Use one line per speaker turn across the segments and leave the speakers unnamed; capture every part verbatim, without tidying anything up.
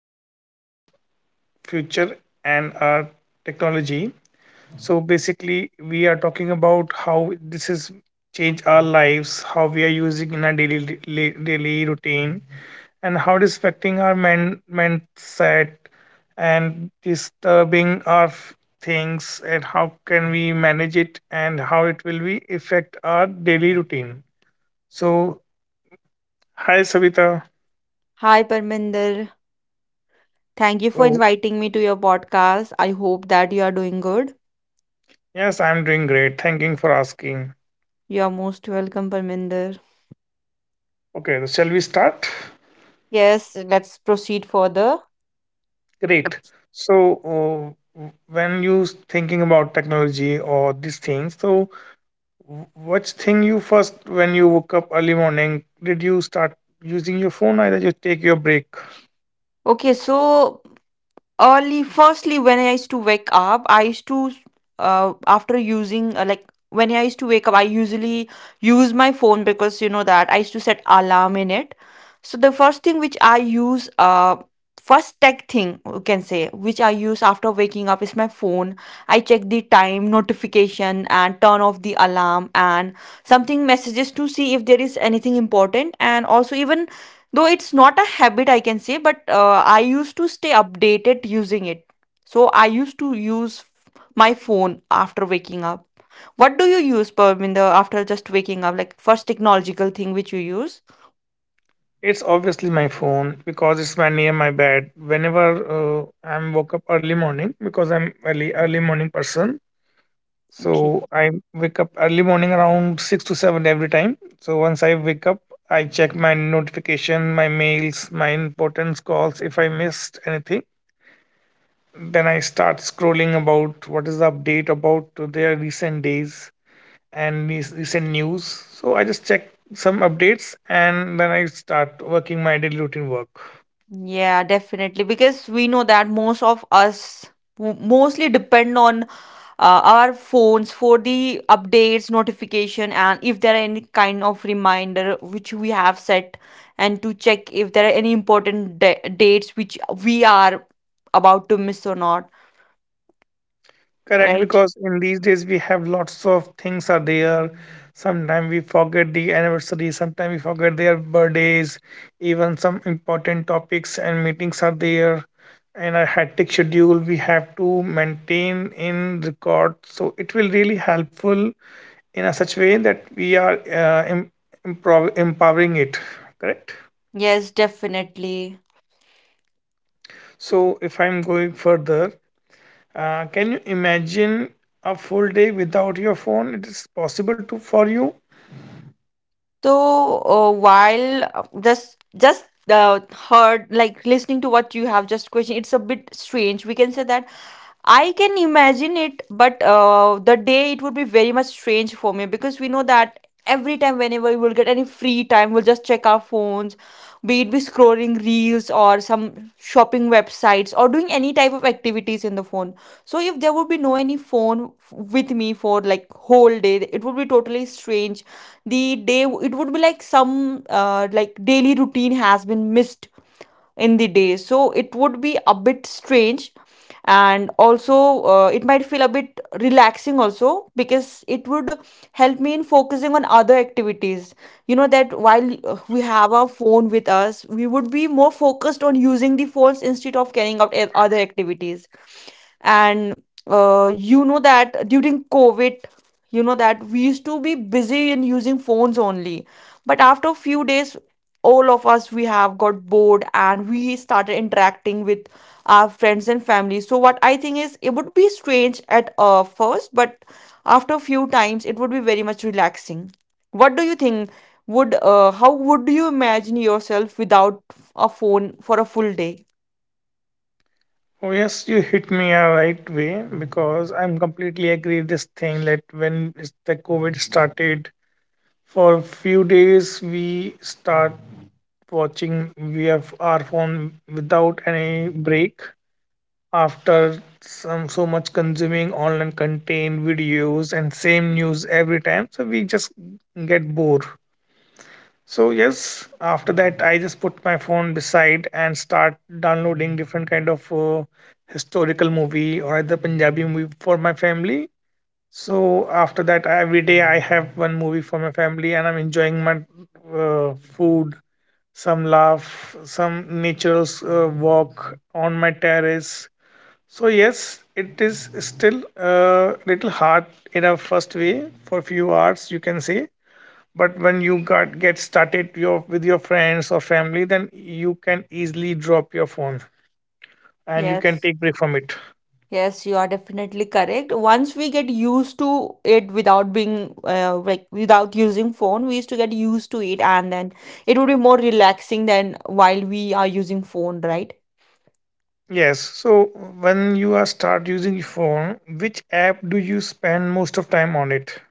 today's topic is future and our technology. So, basically, we are talking about how this has changed our lives, how we are using in our daily daily routine, and how it is affecting our men, mindset and disturbing our f- things, and how can we manage it, and how it will be affect our daily routine. So, hi Savita.
Hi, Parminder. Thank you for
So,
inviting me to your podcast. I hope that you are doing good.
Yes, I'm doing great. Thanking for asking.
You are most welcome, Parminder.
Okay, so shall we start?
Yes, let's proceed further.
Great. So, uh, w- when you s- thinking about technology or these things, so w- which thing you first when you woke up early morning did you start using your phone or did you take your break?
Okay, so early firstly when I used to wake up I used to uh, after using uh, like when I used to wake up I usually use my phone, because you know that I used to set alarm in it. So the first thing which I use uh first tech thing, you can say, which I use after waking up is my phone. I check the time, notification, and turn off the alarm, and something messages to see if there is anything important. And also, even though it's not a habit, I can say, but uh, I used to stay updated using it. So I used to use f- my phone after waking up. What do you use, Parminder, after just waking up? Like, first technological thing which you use?
It's obviously my phone because it's my near my bed. Whenever uh, I'm woke up early morning because I'm early early morning person,
Okay.
so I wake up early morning around six to seven every time. So once I wake up, I check my notification, my mails, my importance calls. If I missed anything, then I start scrolling about what is the update about their recent days and rec- recent news. So I just check some updates and then I start working my daily routine work.
Yeah, definitely. Because we know that most of us w- mostly depend on uh, our phones for the updates, notification, and if there are any kind of reminder which we have set, and to check if there are any important da- dates which we are about to miss or not.
Correct,
Right.
because in these days we have lots of things are there. Sometimes we forget the anniversary, sometimes we forget their birthdays, even some important topics and meetings are there. And a hectic schedule we have to maintain in record. So it will really helpful in a such way that we are uh, em- improv- empowering it. Correct.
Yes, definitely.
So if I'm going further, Uh, can you imagine a full day without your phone? It is possible to for you.
So, uh, while uh, just just uh, heard, like listening to what you have just questioned, it's a bit strange. We can say that I can imagine it, but uh, the day it would be very much strange for me, because we know that every time whenever we will get any free time, we'll just check our phones, be it be scrolling reels or some shopping websites or doing any type of activities in the phone. So if there would be no any phone f- with me for like whole day, it would be totally strange. The day it would be like some uh, like daily routine has been missed in the day, so it would be a bit strange. And also, uh, it might feel a bit relaxing also, because it would help me in focusing on other activities. You know that while uh, we have our phone with us, we would be more focused on using the phones instead of carrying out a- other activities. And uh, you know that during COVID, you know that we used to be busy in using phones only, but after a few days all of us, we have got bored, and we started interacting with our friends and family. So what I think is it would be strange at uh, first, but after a few times it would be very much relaxing. What do you think, would uh, how would you imagine yourself without a phone for a full day?
Oh yes, you hit me a right way because I'm completely agree this thing that when is the COVID started, for a few days we start watching we have our phone without any break after some so much consuming online content videos and same news every time so we just get bored. So yes, after that I just put my phone beside and start downloading different kind of uh, historical movie or either Punjabi movie for my family. So after that, every day I have one movie for my family and I'm enjoying my uh, food, some laugh, some natural uh, walk on my terrace. So yes, it is still a little hard in a first way, for few hours you can say, but when you got get started your with your friends or family then you can easily drop your phone and you can
Yes.
take break from it.
Yes, you are definitely correct. Once we get used to it without being uh, like without using phone, we used to get used to it, and then it would be more relaxing than while we are using phone, right?
Yes, so when you are start using your phone, which app do you spend most of time on it?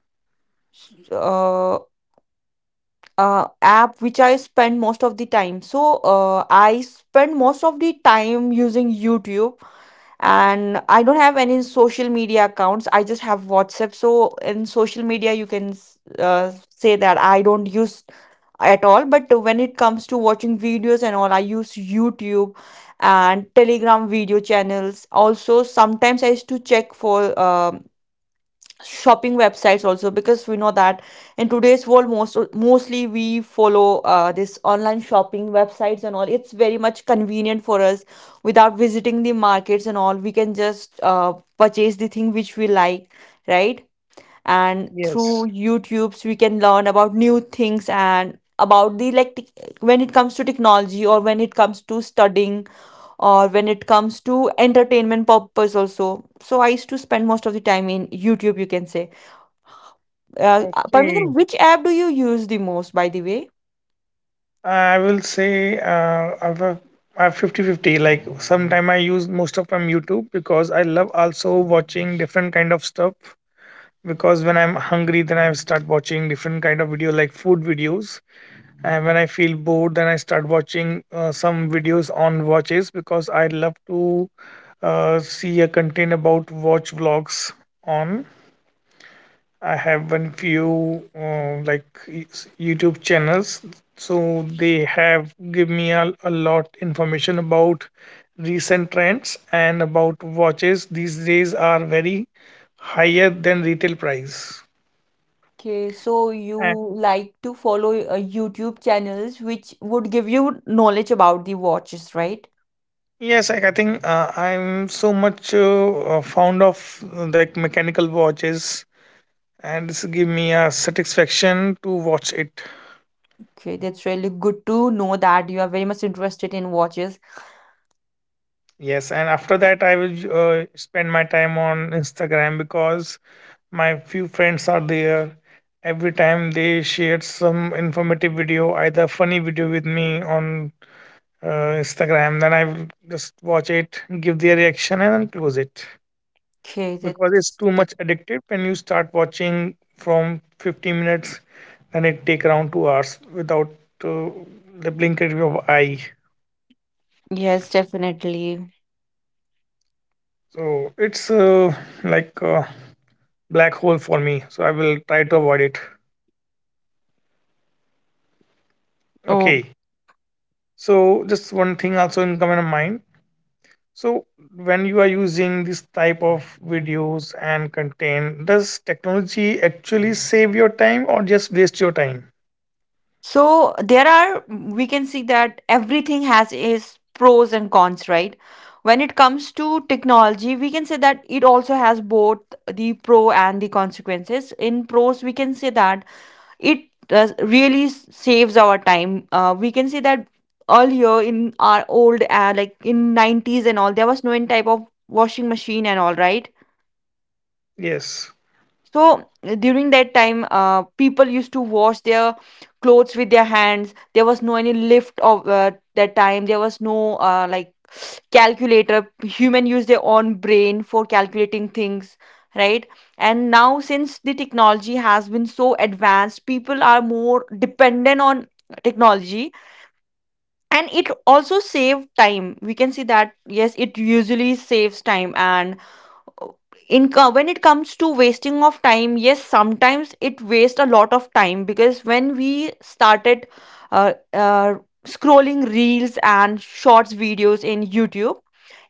S- Uh, uh, App which I spend most of the time. So, uh, I spend most of the time using YouTube, and I don't have any social media accounts. I just have WhatsApp. So in social media, you can uh, say that I don't use at all. But when it comes to watching videos and all, I use YouTube and Telegram video channels also. Sometimes I used to check for um shopping websites also, because we know that in today's world, most mostly we follow uh, this online shopping websites and all. It's very much convenient for us. Without visiting the markets and all, we can just uh, purchase the thing which we like, right. And through
Yes,
YouTubes we can learn about new things and about the, like, tech- when it comes to technology, or when it comes to studying, or when it comes to entertainment purpose also. So I used to spend most of the time in YouTube, you can say. uh, uh, Parminder,
okay,
which app do you use the most, by the way?
I will say uh, i have a I have 50 fifty. Like sometime I use most of time YouTube because I love also watching different kind of stuff, because when I'm hungry then I start watching different kind of video like food videos. And when I feel bored, then I start watching uh, some videos on watches because I love to uh, see a content about watch vlogs on. I have one few uh, like y- YouTube channels, so they have give me a, a lot information about recent trends and about watches. These days are very higher than retail price.
Okay, so you like to follow uh, YouTube channels which would give you knowledge about the watches, right?
Yes, like I think uh, I'm so much uh, uh, fond of uh, like mechanical watches, and this give me a satisfaction to watch it.
Okay, that's really good to know that you are very much interested in watches.
Yes, and after that, I will uh, spend my time on Instagram because my few friends are there. Every time they shared some informative video, either funny video with me on uh, Instagram, then I will just watch it, give their reaction, and then close it.
Okay,
Because it's
that's
too
good.
much addictive. When you start watching from fifty minutes, then it take around two hours without uh, the blink of your eye.
Yes, definitely.
So it's uh, like a black hole for me, so I will try to avoid it.
Oh.
Okay, so just one thing also in common mind. So when you are using this type of videos and content, does technology actually save your time or just waste your time?
So there are we can see that everything has its pros and cons, right? When it comes to technology, we can say that it also has both the pro and the consequences. In pros, we can say that it does really s- saves our time. Uh, we can say that earlier in our old uh, like in nineties and all, there was no any type of washing machine and all, right?
Yes.
So uh, during that time, uh, people used to wash their clothes with their hands. There was no any lift of uh, that time. There was no uh, like calculator. Human use their own brain for calculating things, right? And now since the technology has been so advanced, people are more dependent on technology, and it also save time. We can see that, yes, it usually saves time. And in co- when it comes to wasting of time, yes, sometimes it waste a lot of time, because when we started uh, uh, scrolling reels and shorts videos in YouTube,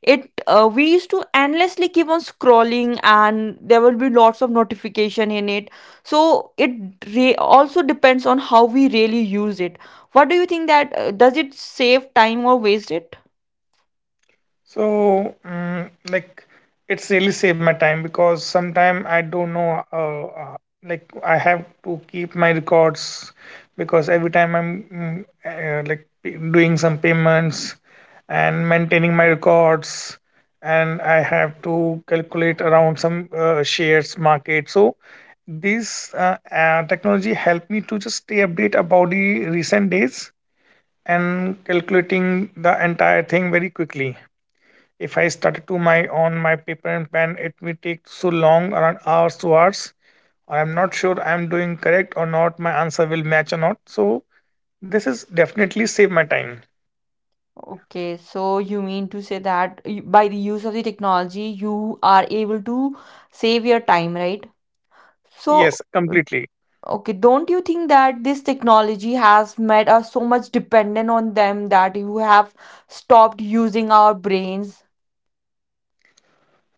it uh, we used to endlessly keep on scrolling, and there will be lots of notification in it. So it re- also depends on how we really use it. What do you think, that uh, does it save time or waste it?
So, mm, like, it's really saved my time because sometime I don't know. Uh, uh, like, I have to keep my records because every time I'm mm, uh, like p- doing some payments and maintaining my records, and I have to calculate around some uh, shares market. So this uh, uh, technology helped me to just stay update about the recent days and calculating the entire thing very quickly. If I started to my on my paper and pen, it will take so long, around hours to hours, or I'm not sure I'm doing correct or not. My answer will match or not. So this is definitely save my time.
Okay, so you mean to say that y- by the use of the technology, you are able to save your time, right? So,
Yes, completely.
okay, don't you think that this technology has made us so much dependent on them that you have stopped using our brains?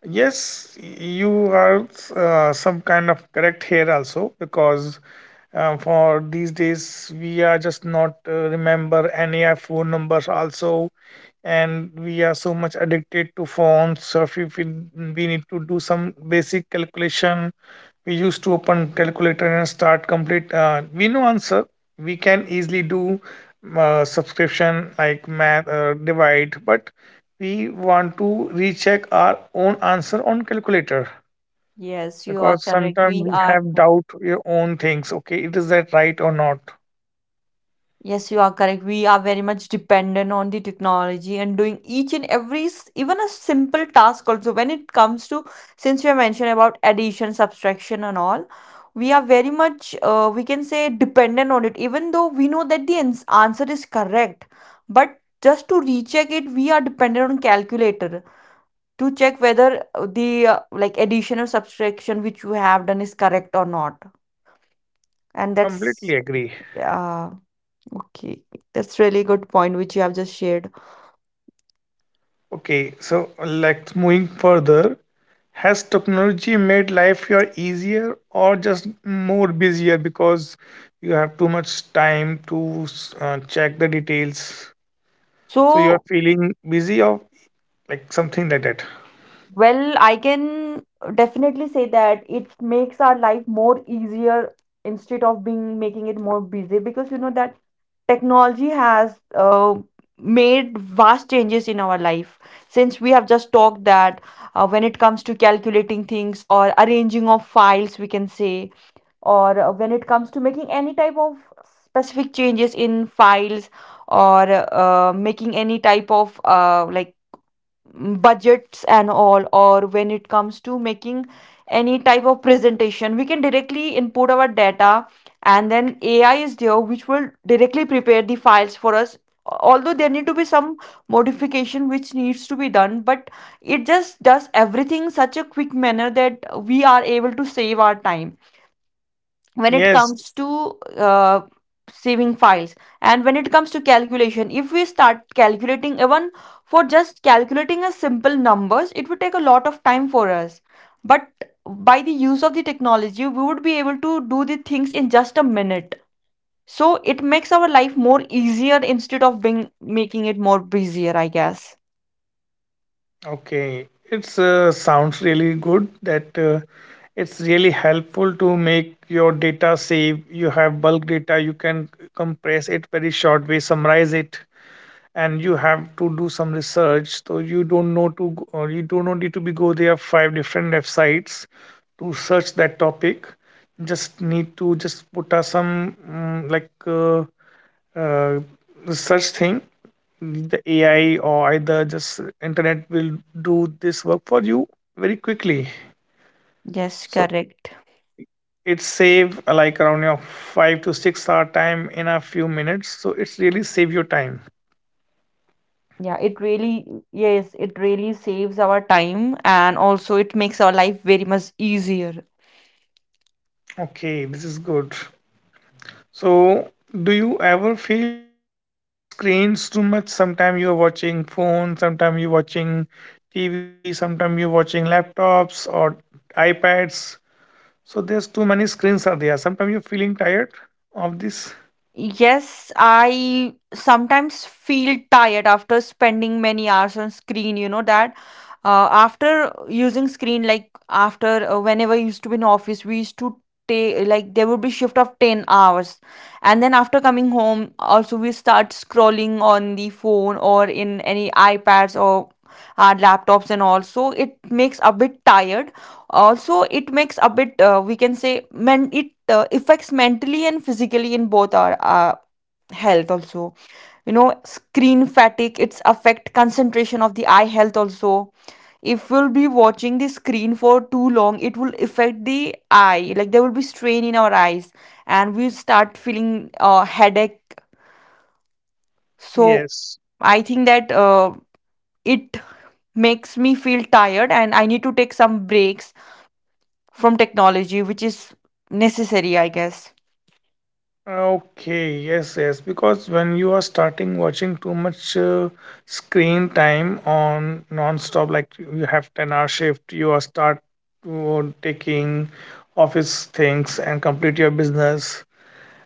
Yes, you are uh, some kind of correct here also because uh, for these days we are just not uh, remember any our phone numbers also, and we are so much addicted to phones. So if we, we we need to do some basic calculation, we used to open calculator and start complete. Uh, we know answer. We can easily do uh, subscription like math uh, divide, but we want to recheck our own answer on calculator
Yes, you are
because
correct.
sometimes
We
we
are.
have doubt your own things. Okay, it is that right or not?
Yes, you are correct. We are very much dependent on the technology and doing each and every, s- even a simple task also. When it comes to, since you mentioned about addition, subtraction, and all, we are very much, uh, we can say, dependent on it. Even though we know that the ans- answer is correct, but just to recheck it, we are dependent on calculator to check whether uh, the uh, like addition or subtraction which you have done is correct or not. And that's,
Completely agree.
yeah. Okay, that's really good point which you have just shared.
Okay, so like moving further, has technology made life your easier or just more busier? Because you have too much time to uh, check the details, so you are
So,
feeling busy or like something like that?
well, I can definitely say that it makes our life more easier instead of being making it more busy, because you know that technology has uh, made vast changes in our life. Since we have just talked that, uh, when it comes to calculating things or arranging of files, we can say, or uh, when it comes to making any type of specific changes in files, or uh, making any type of uh, like mm, budgets and all, or when it comes to making any type of presentation, we can directly input our data, and then AI is there which will directly prepare the files for us. Although there need to be some modification which needs to be done, but it just does everything such a quick manner that we are able to save our time when it
Yes.
comes to uh, saving files, and when it comes to calculation. If we start calculating even for just calculating a simple numbers, it would take a lot of time for us, but by the use of the technology we would be able to do the things in just a minute. So it makes our life more easier instead of being making it more busier, I guess.
Okay, it's uh, sounds really good that uh, it's really helpful to make your data save. You have bulk data, you can compress it very short way, summarize it, and you have to do some research. So you don't know to go- or you do not need to be go there five different websites to search that topic. Just need to just put a some mm, like uh, uh, research thing, the A I or either just internet will do this work for you very quickly.
Yes,
So
correct.
it save uh, like around your five to six hour time in a few minutes. So it's really save your time.
Yeah it really Yes, it really saves our time, and also it makes our life very much easier.
Okay, this is good. So do you ever feel tired of screens too much? Sometime you're watching phone, sometime you're watching T V, sometime you're watching laptops or iPads. So there's too many screens are there. Sometimes you're feeling tired of this.
Yes, I sometimes feel tired after spending many hours on screen, you know that? Uh, after using screen, like after uh, whenever I used to be in office, we used to take, like, there would be shift of ten hours, and then after coming home also we start scrolling on the phone or in any iPads or our laptops, and also it makes a bit tired. Also it makes a bit, uh, we can say, men it uh, affects mentally and physically in both our uh, health also. You know, screen fatigue, it's affect concentration of the eye health also. If we'll be watching the screen for too long, it will affect the eye. Like, there will be strain in our eyes and we start feeling uh, headache. So
Yes.
I think that uh, it makes me feel tired and I need to take some breaks from technology, which is necessary, I guess.
Okay, yes, yes. Because when you are starting watching too much uh, screen time on non-stop, like you have ten-hour shift, you are start uh, taking office things and complete your business,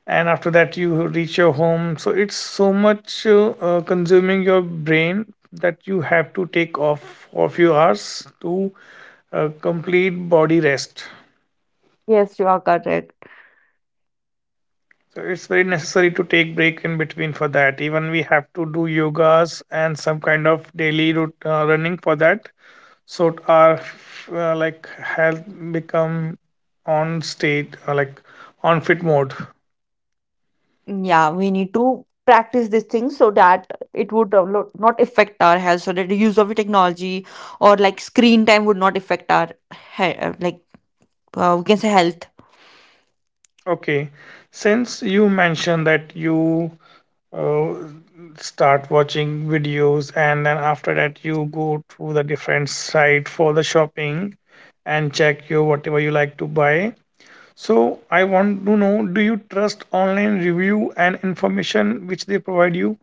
and after that you reach your home. So it's so much uh, uh, consuming your brain that you have to take off for a few hours to uh, complete body rest.
Yes, you are correct.
So it's very necessary to take break in between for that. Even we have to do yogas and some kind of daily route, uh, running for that. So our uh, like health become on state uh, like on fit mode.
Yeah, we need to practice these things so that it would download, not affect our health, so that the use of the technology or like screen time would not affect our he- uh, like uh, we can say health.
Okay, since you mentioned that you uh, start watching videos and then after that you go to the different site for the shopping and check your whatever you like to buy, so I want to know, do you trust online review and information which they provide you?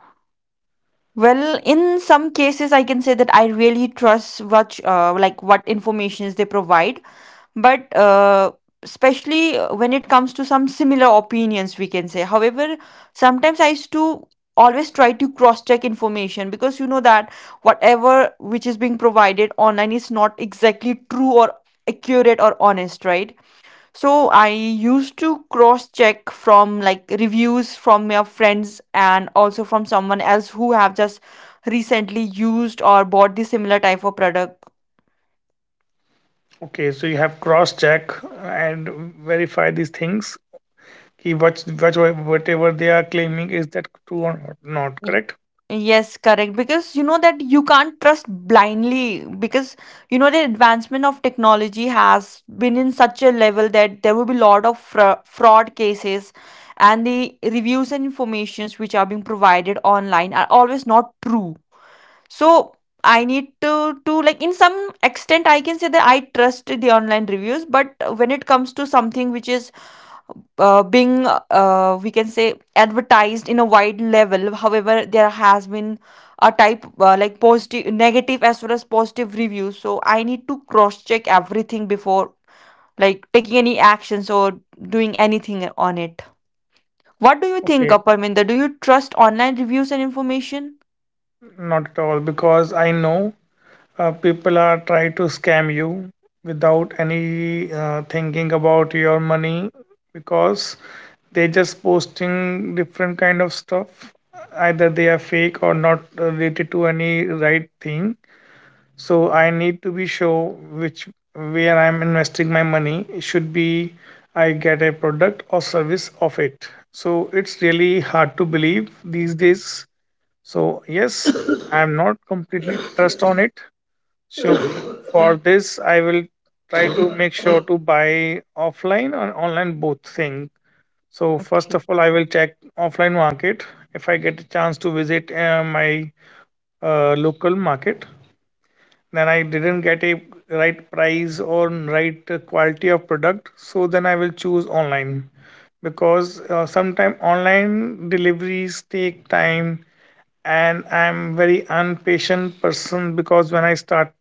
Well, in some cases, I can say that I really trust what uh, like what informations they provide, but uh, especially uh, when it comes to some similar opinions, we can say. However, sometimes I used to always try to cross check information, because you know that whatever which is being provided online is not exactly true or accurate or honest, right? So I used to cross check from like reviews from your friends and also from someone else who have just recently used or bought the similar type of product.
Okay, so you have cross check and verify these things. Ki what, what, whatever they are claiming is that true or not, correct?
Yes, correct. Because you know that you can't trust blindly, because you know the advancement of technology has been in such a level that there will be a lot of fra- fraud cases, and the reviews and informations which are being provided online are always not true. So I need to to like, in some extent, I can say that I trust the online reviews, but when it comes to something which is uh, being uh, we can say advertised in a wide level, however there has been a type uh, like positive negative as well as positive reviews, so I need to cross check everything before like taking any actions or doing anything on it. What do you think,
Okay,
Aparminda? Do you trust online reviews and information?
not at all because I know uh, people are try to scam you without any uh, thinking about your money, because they just posting different kind of stuff, either they are fake or not related to any right thing. So I need to be sure which where I'm investing my money, it should be I get a product or service of it. So it's really hard to believe these days. So yes, I'm not completely trust on it. So for this, I will try to make sure to buy offline or online both thing. So first
Okay.
of all, I will check offline market. If I get a chance to visit uh, my uh, local market, then I didn't get a right price or right uh, quality of product. So then I will choose online, because uh, sometimes online deliveries take time, and I'm very impatient person, because when I start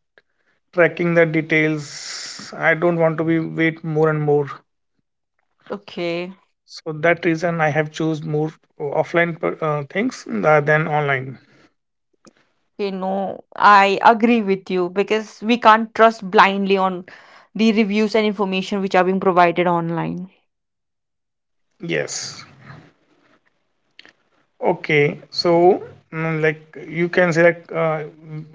tracking the details I don't want to be wait more and more.
Okay.
So that reason I have choose more offline per- uh, things tha- than online.
Okay, no, I agree with you, because we can't trust blindly on the reviews and information which are being provided online.
Yes, okay, so mm, like you can say like, uh,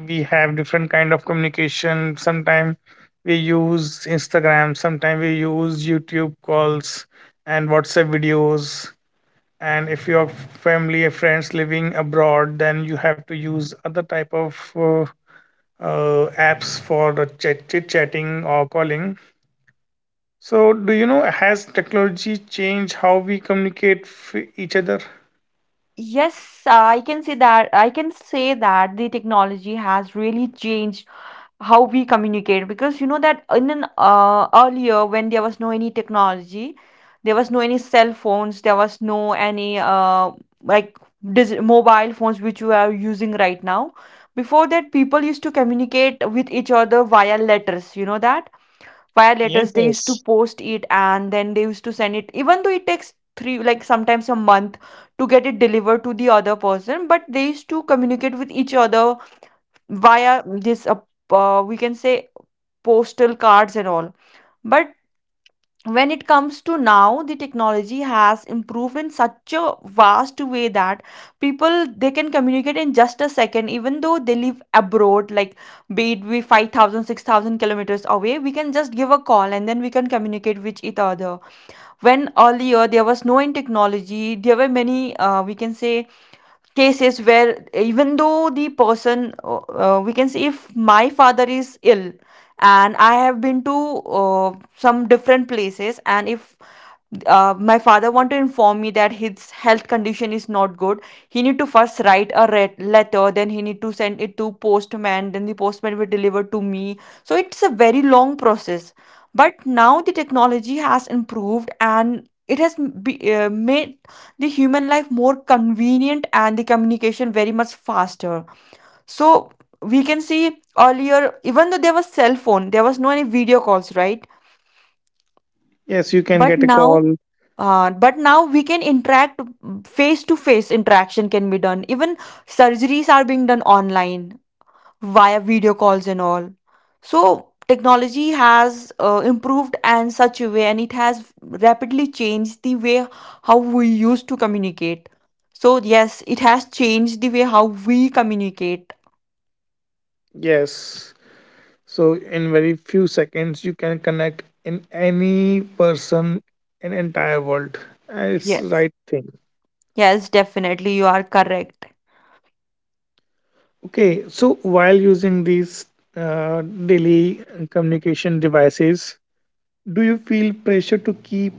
we have different kind of communication. Sometimes we use Instagram, sometimes we use YouTube calls and WhatsApp videos, and if your family or friends living abroad then you have to use other type of uh, uh, apps for the chat chit chatting or calling. So, do you know, has technology changed how we communicate with each other?
Yes, I can say that. I can say that the technology has really changed how we communicate, because you know that in an uh, earlier, when there was no any technology, there was no any cell phones, there was no any uh, like dis- mobile phones which we are using right now. Before that, people used to communicate with each other via letters. You know that via letters they used to
Yes.
post it and then they used to send it, even though it takes three like sometimes a month to get it delivered to the other person, but they used to communicate with each other via this uh, uh, we can say postal cards and all. But when it comes to now, the technology has improved in such a vast way that people they can communicate in just a second, even though they live abroad, like be it we five thousand, six thousand kilometers away, we can just give a call and then we can communicate with each other. When earlier there was no in technology, there were many uh, we can say cases where even though the person uh, uh, we can say, if my father is ill and I have been to uh, some different places, and if uh, my father want to inform me that his health condition is not good, he need to first write a re- letter, then he need to send it to postman, then the postman will deliver to me, so it's a very long process. But now the technology has improved, and it has m- be, uh, made the human life more convenient and the communication very much faster. So we can see earlier, even though there was cell phone, there was no any video calls, right?
Yes, you can
But
get a
now,
call.
uh, but now we can interact, face to face interaction can be done, even surgeries are being done online via video calls and all. So technology has uh, improved in such a way, and it has rapidly changed the way how we used to communicate. So yes, it has changed the way how we communicate.
Yes. So in very few seconds you can connect in any person in entire world. And it's
Yes,
right thing.
yes, definitely you are correct.
Okay, so while using these uh, daily communication devices, do you feel pressure to keep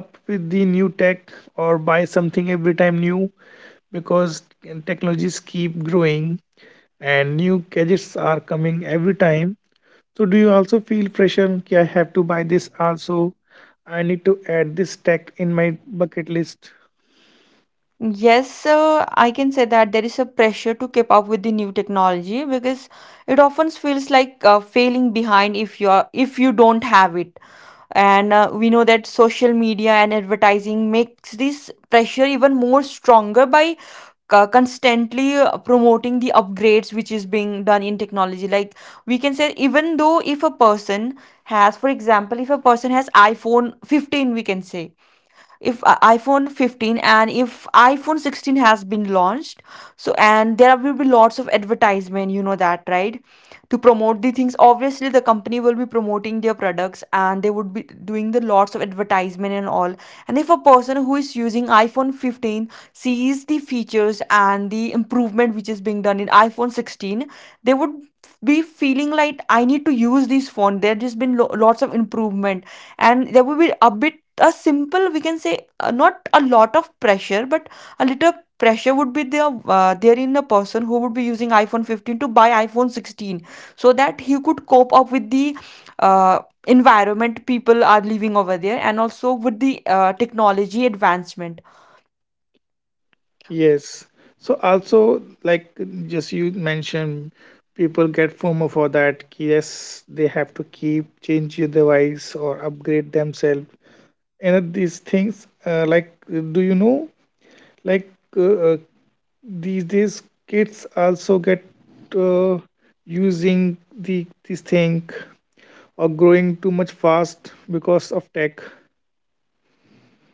up with the new tech or buy something every time new? Because technologies keep growing and new gadgets are coming every time. So, do you also feel pressure? Ki, I have to buy this also. I need to add this tech in my bucket list.
Yes, uh, I can say that there is a pressure to keep up with the new technology, because it often feels like uh, failing behind if you are if you don't have it. And uh, we know that social media and advertising makes this pressure even more stronger by uh, constantly uh, promoting the upgrades which is being done in technology. Like we can say, even though if a person has, for example, if a person has iPhone fifteen, we can say, if uh, iphone fifteen and if iphone sixteen has been launched, so and there will be lots of advertisement, you know that, right? To promote the things, obviously the company will be promoting their products and they would be doing the lots of advertisement and all. And if a person who is using iphone fifteen sees the features and the improvement which is being done in iphone sixteen, they would be feeling like I need to use this phone, there just been lo- lots of improvement. And there will be a bit a simple we can say uh, not a lot of pressure, but a little pressure would be there uh, there in a person who would be using iphone fifteen to buy iphone sixteen, so that he could cope up with the uh, environment people are living over there, and also with the uh, technology advancement.
Yes. So, also, like just you mentioned, people get FOMO for that. Yes, they have to keep change their device or upgrade themselves, and these things uh, like uh, do you know like uh, uh, these days kids also get uh, using the this thing or growing too much fast because of tech?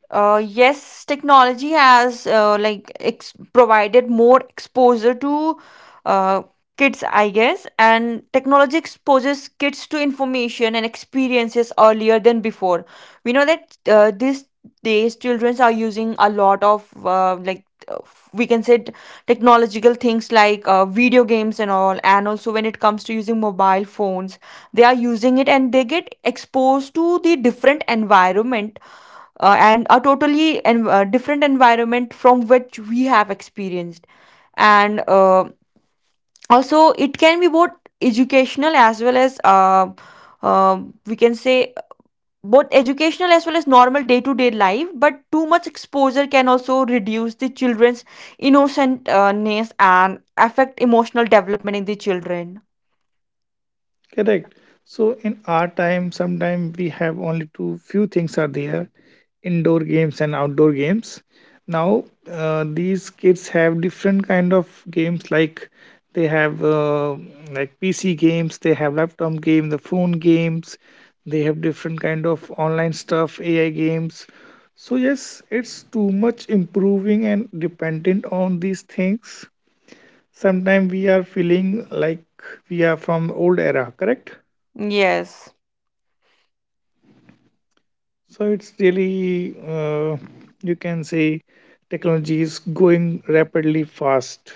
Uh, yes, technology has uh, like ex provided more exposure to uh, kids, I guess, and technology exposes kids to information and experiences earlier than before. We know that uh, these days, children are using a lot of uh, like uh, we can say t- technological things like uh, video games and all, and also when it comes to using mobile phones, they are using it and they get exposed to the different environment, uh, and a totally en- uh, different environment from which we have experienced, and uh, also it can be both educational as well as uh, uh, we can say both educational as well as normal day-to-day life. But too much exposure can also reduce the children's innocentness and affect emotional development in the children.
Correct. So in our time, sometime we have only two few things are there, indoor games and outdoor games. Now uh, these kids have different kind of games like they have uh, like P C games, they have laptop game, the phone games, they have different kind of online stuff, A I games. So yes, it's too much improving and dependent on these things. Sometimes we are feeling like we are from old era, correct?
Yes.
So it's really, uh, you can say, technology is going rapidly fast.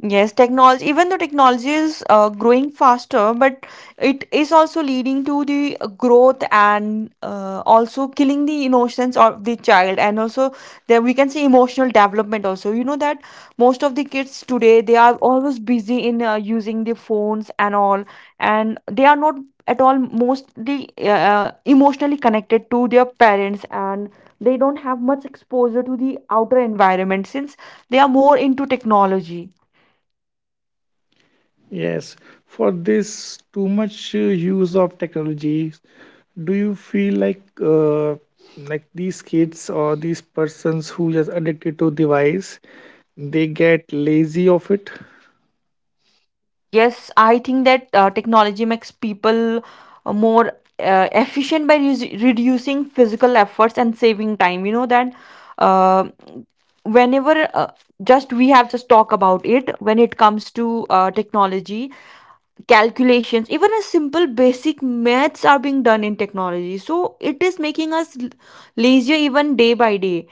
Yes, technology, even though technology is uh, growing faster, but it is also leading to the uh, growth and uh, also killing the innocence of the child. And also, there we can see emotional development also. You know that most of the kids today, they are always busy in uh, using the phones and all, and they are not at all mostly uh, uh, emotionally connected to their parents, and they don't have much exposure to the outer environment since they are more into technology.
Yes. For this too much uh, use of technology, do you feel like uh, like these kids or these persons who just addicted to device, they get lazy of it?
Yes, I think that uh, technology makes people uh, more uh, efficient by reus- reducing physical efforts and saving time. You know that, uh, whenever uh, just we have just talk about it, when it comes to uh, technology calculations, even a simple basic maths are being done in technology, so it is making us l- lazier even day by day.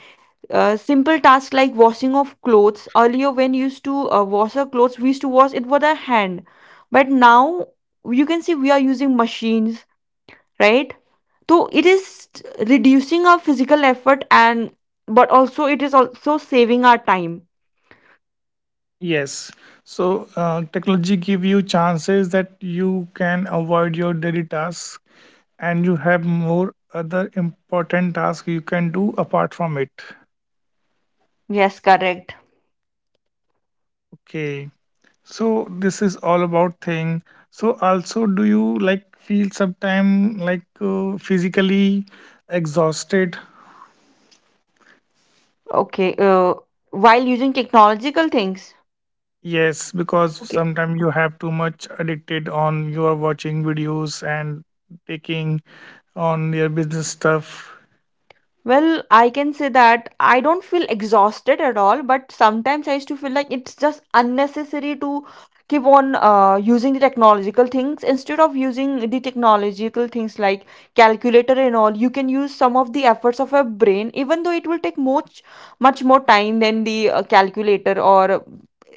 uh, Simple tasks like washing of clothes, earlier when you used to uh, wash our clothes, we used to wash it with a hand, but now you can see we are using machines, right? So it is reducing our physical effort and, but also it is also saving our time.
Yes. So uh, technology give you chances that you can avoid your daily tasks and you have more other important tasks you can do apart from it.
Yes, correct.
Okay, so this is all about thing. So also, do you like feel sometime like uh, physically exhausted?
Okay. Uh, while using technological things.
Yes, because
Okay.
sometimes you have too much addicted on, you are watching videos and taking on your business stuff.
Well, I can say that I don't feel exhausted at all, but sometimes I used to feel like it's just unnecessary to keep on uh, using the technological things, instead of using the technological things like calculator and all. You can use some of the efforts of a brain, even though it will take much much more time than the uh, calculator or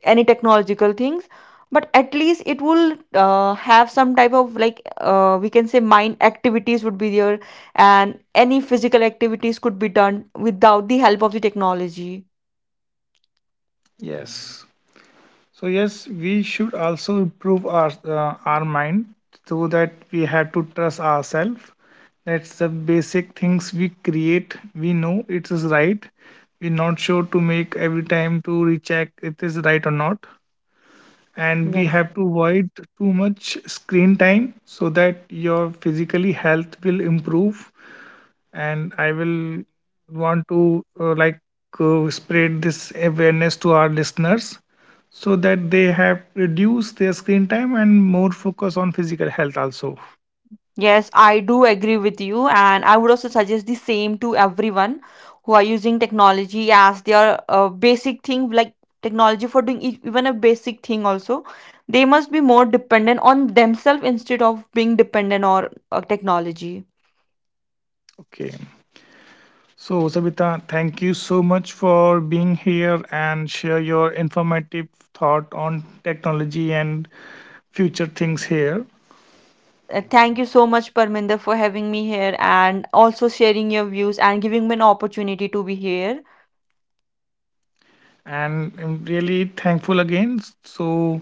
any technological things. But at least it will uh, have some type of like uh, we can say mind activities would be there, and any physical activities could be done without the help of the technology.
Yes. So yes, we should also improve our uh, our mind, so that we have to trust ourselves. That's the basic things we create. We know it is right. We're not sure to make every time to recheck it is right or not. And we have to avoid too much screen time so that your physically health will improve. And I will want to uh, like uh, spread this awareness to our listeners, so that they have reduced their screen time and more focus on physical health also.
Yes, I do agree with you, and I would also suggest the same to everyone who are using technology as their uh, basic thing, like technology for doing e- even a basic thing also. They must be more dependent on themselves instead of being dependent on uh, technology.
Okay, so Sabita, thank you so much for being here and share your informative thought on technology and future things here,
Uh, Thank you so much, Parminder, for having me here, and also sharing your views and giving me an opportunity to be here.
and I'm really thankful again. So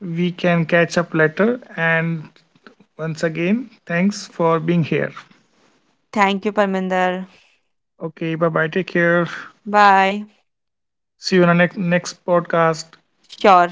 we can catch up later and once again, thanks for being here.
Thank you, Parminder.
Okay, bye bye. Take care.
Bye.
See you in the next, next podcast.
Sure.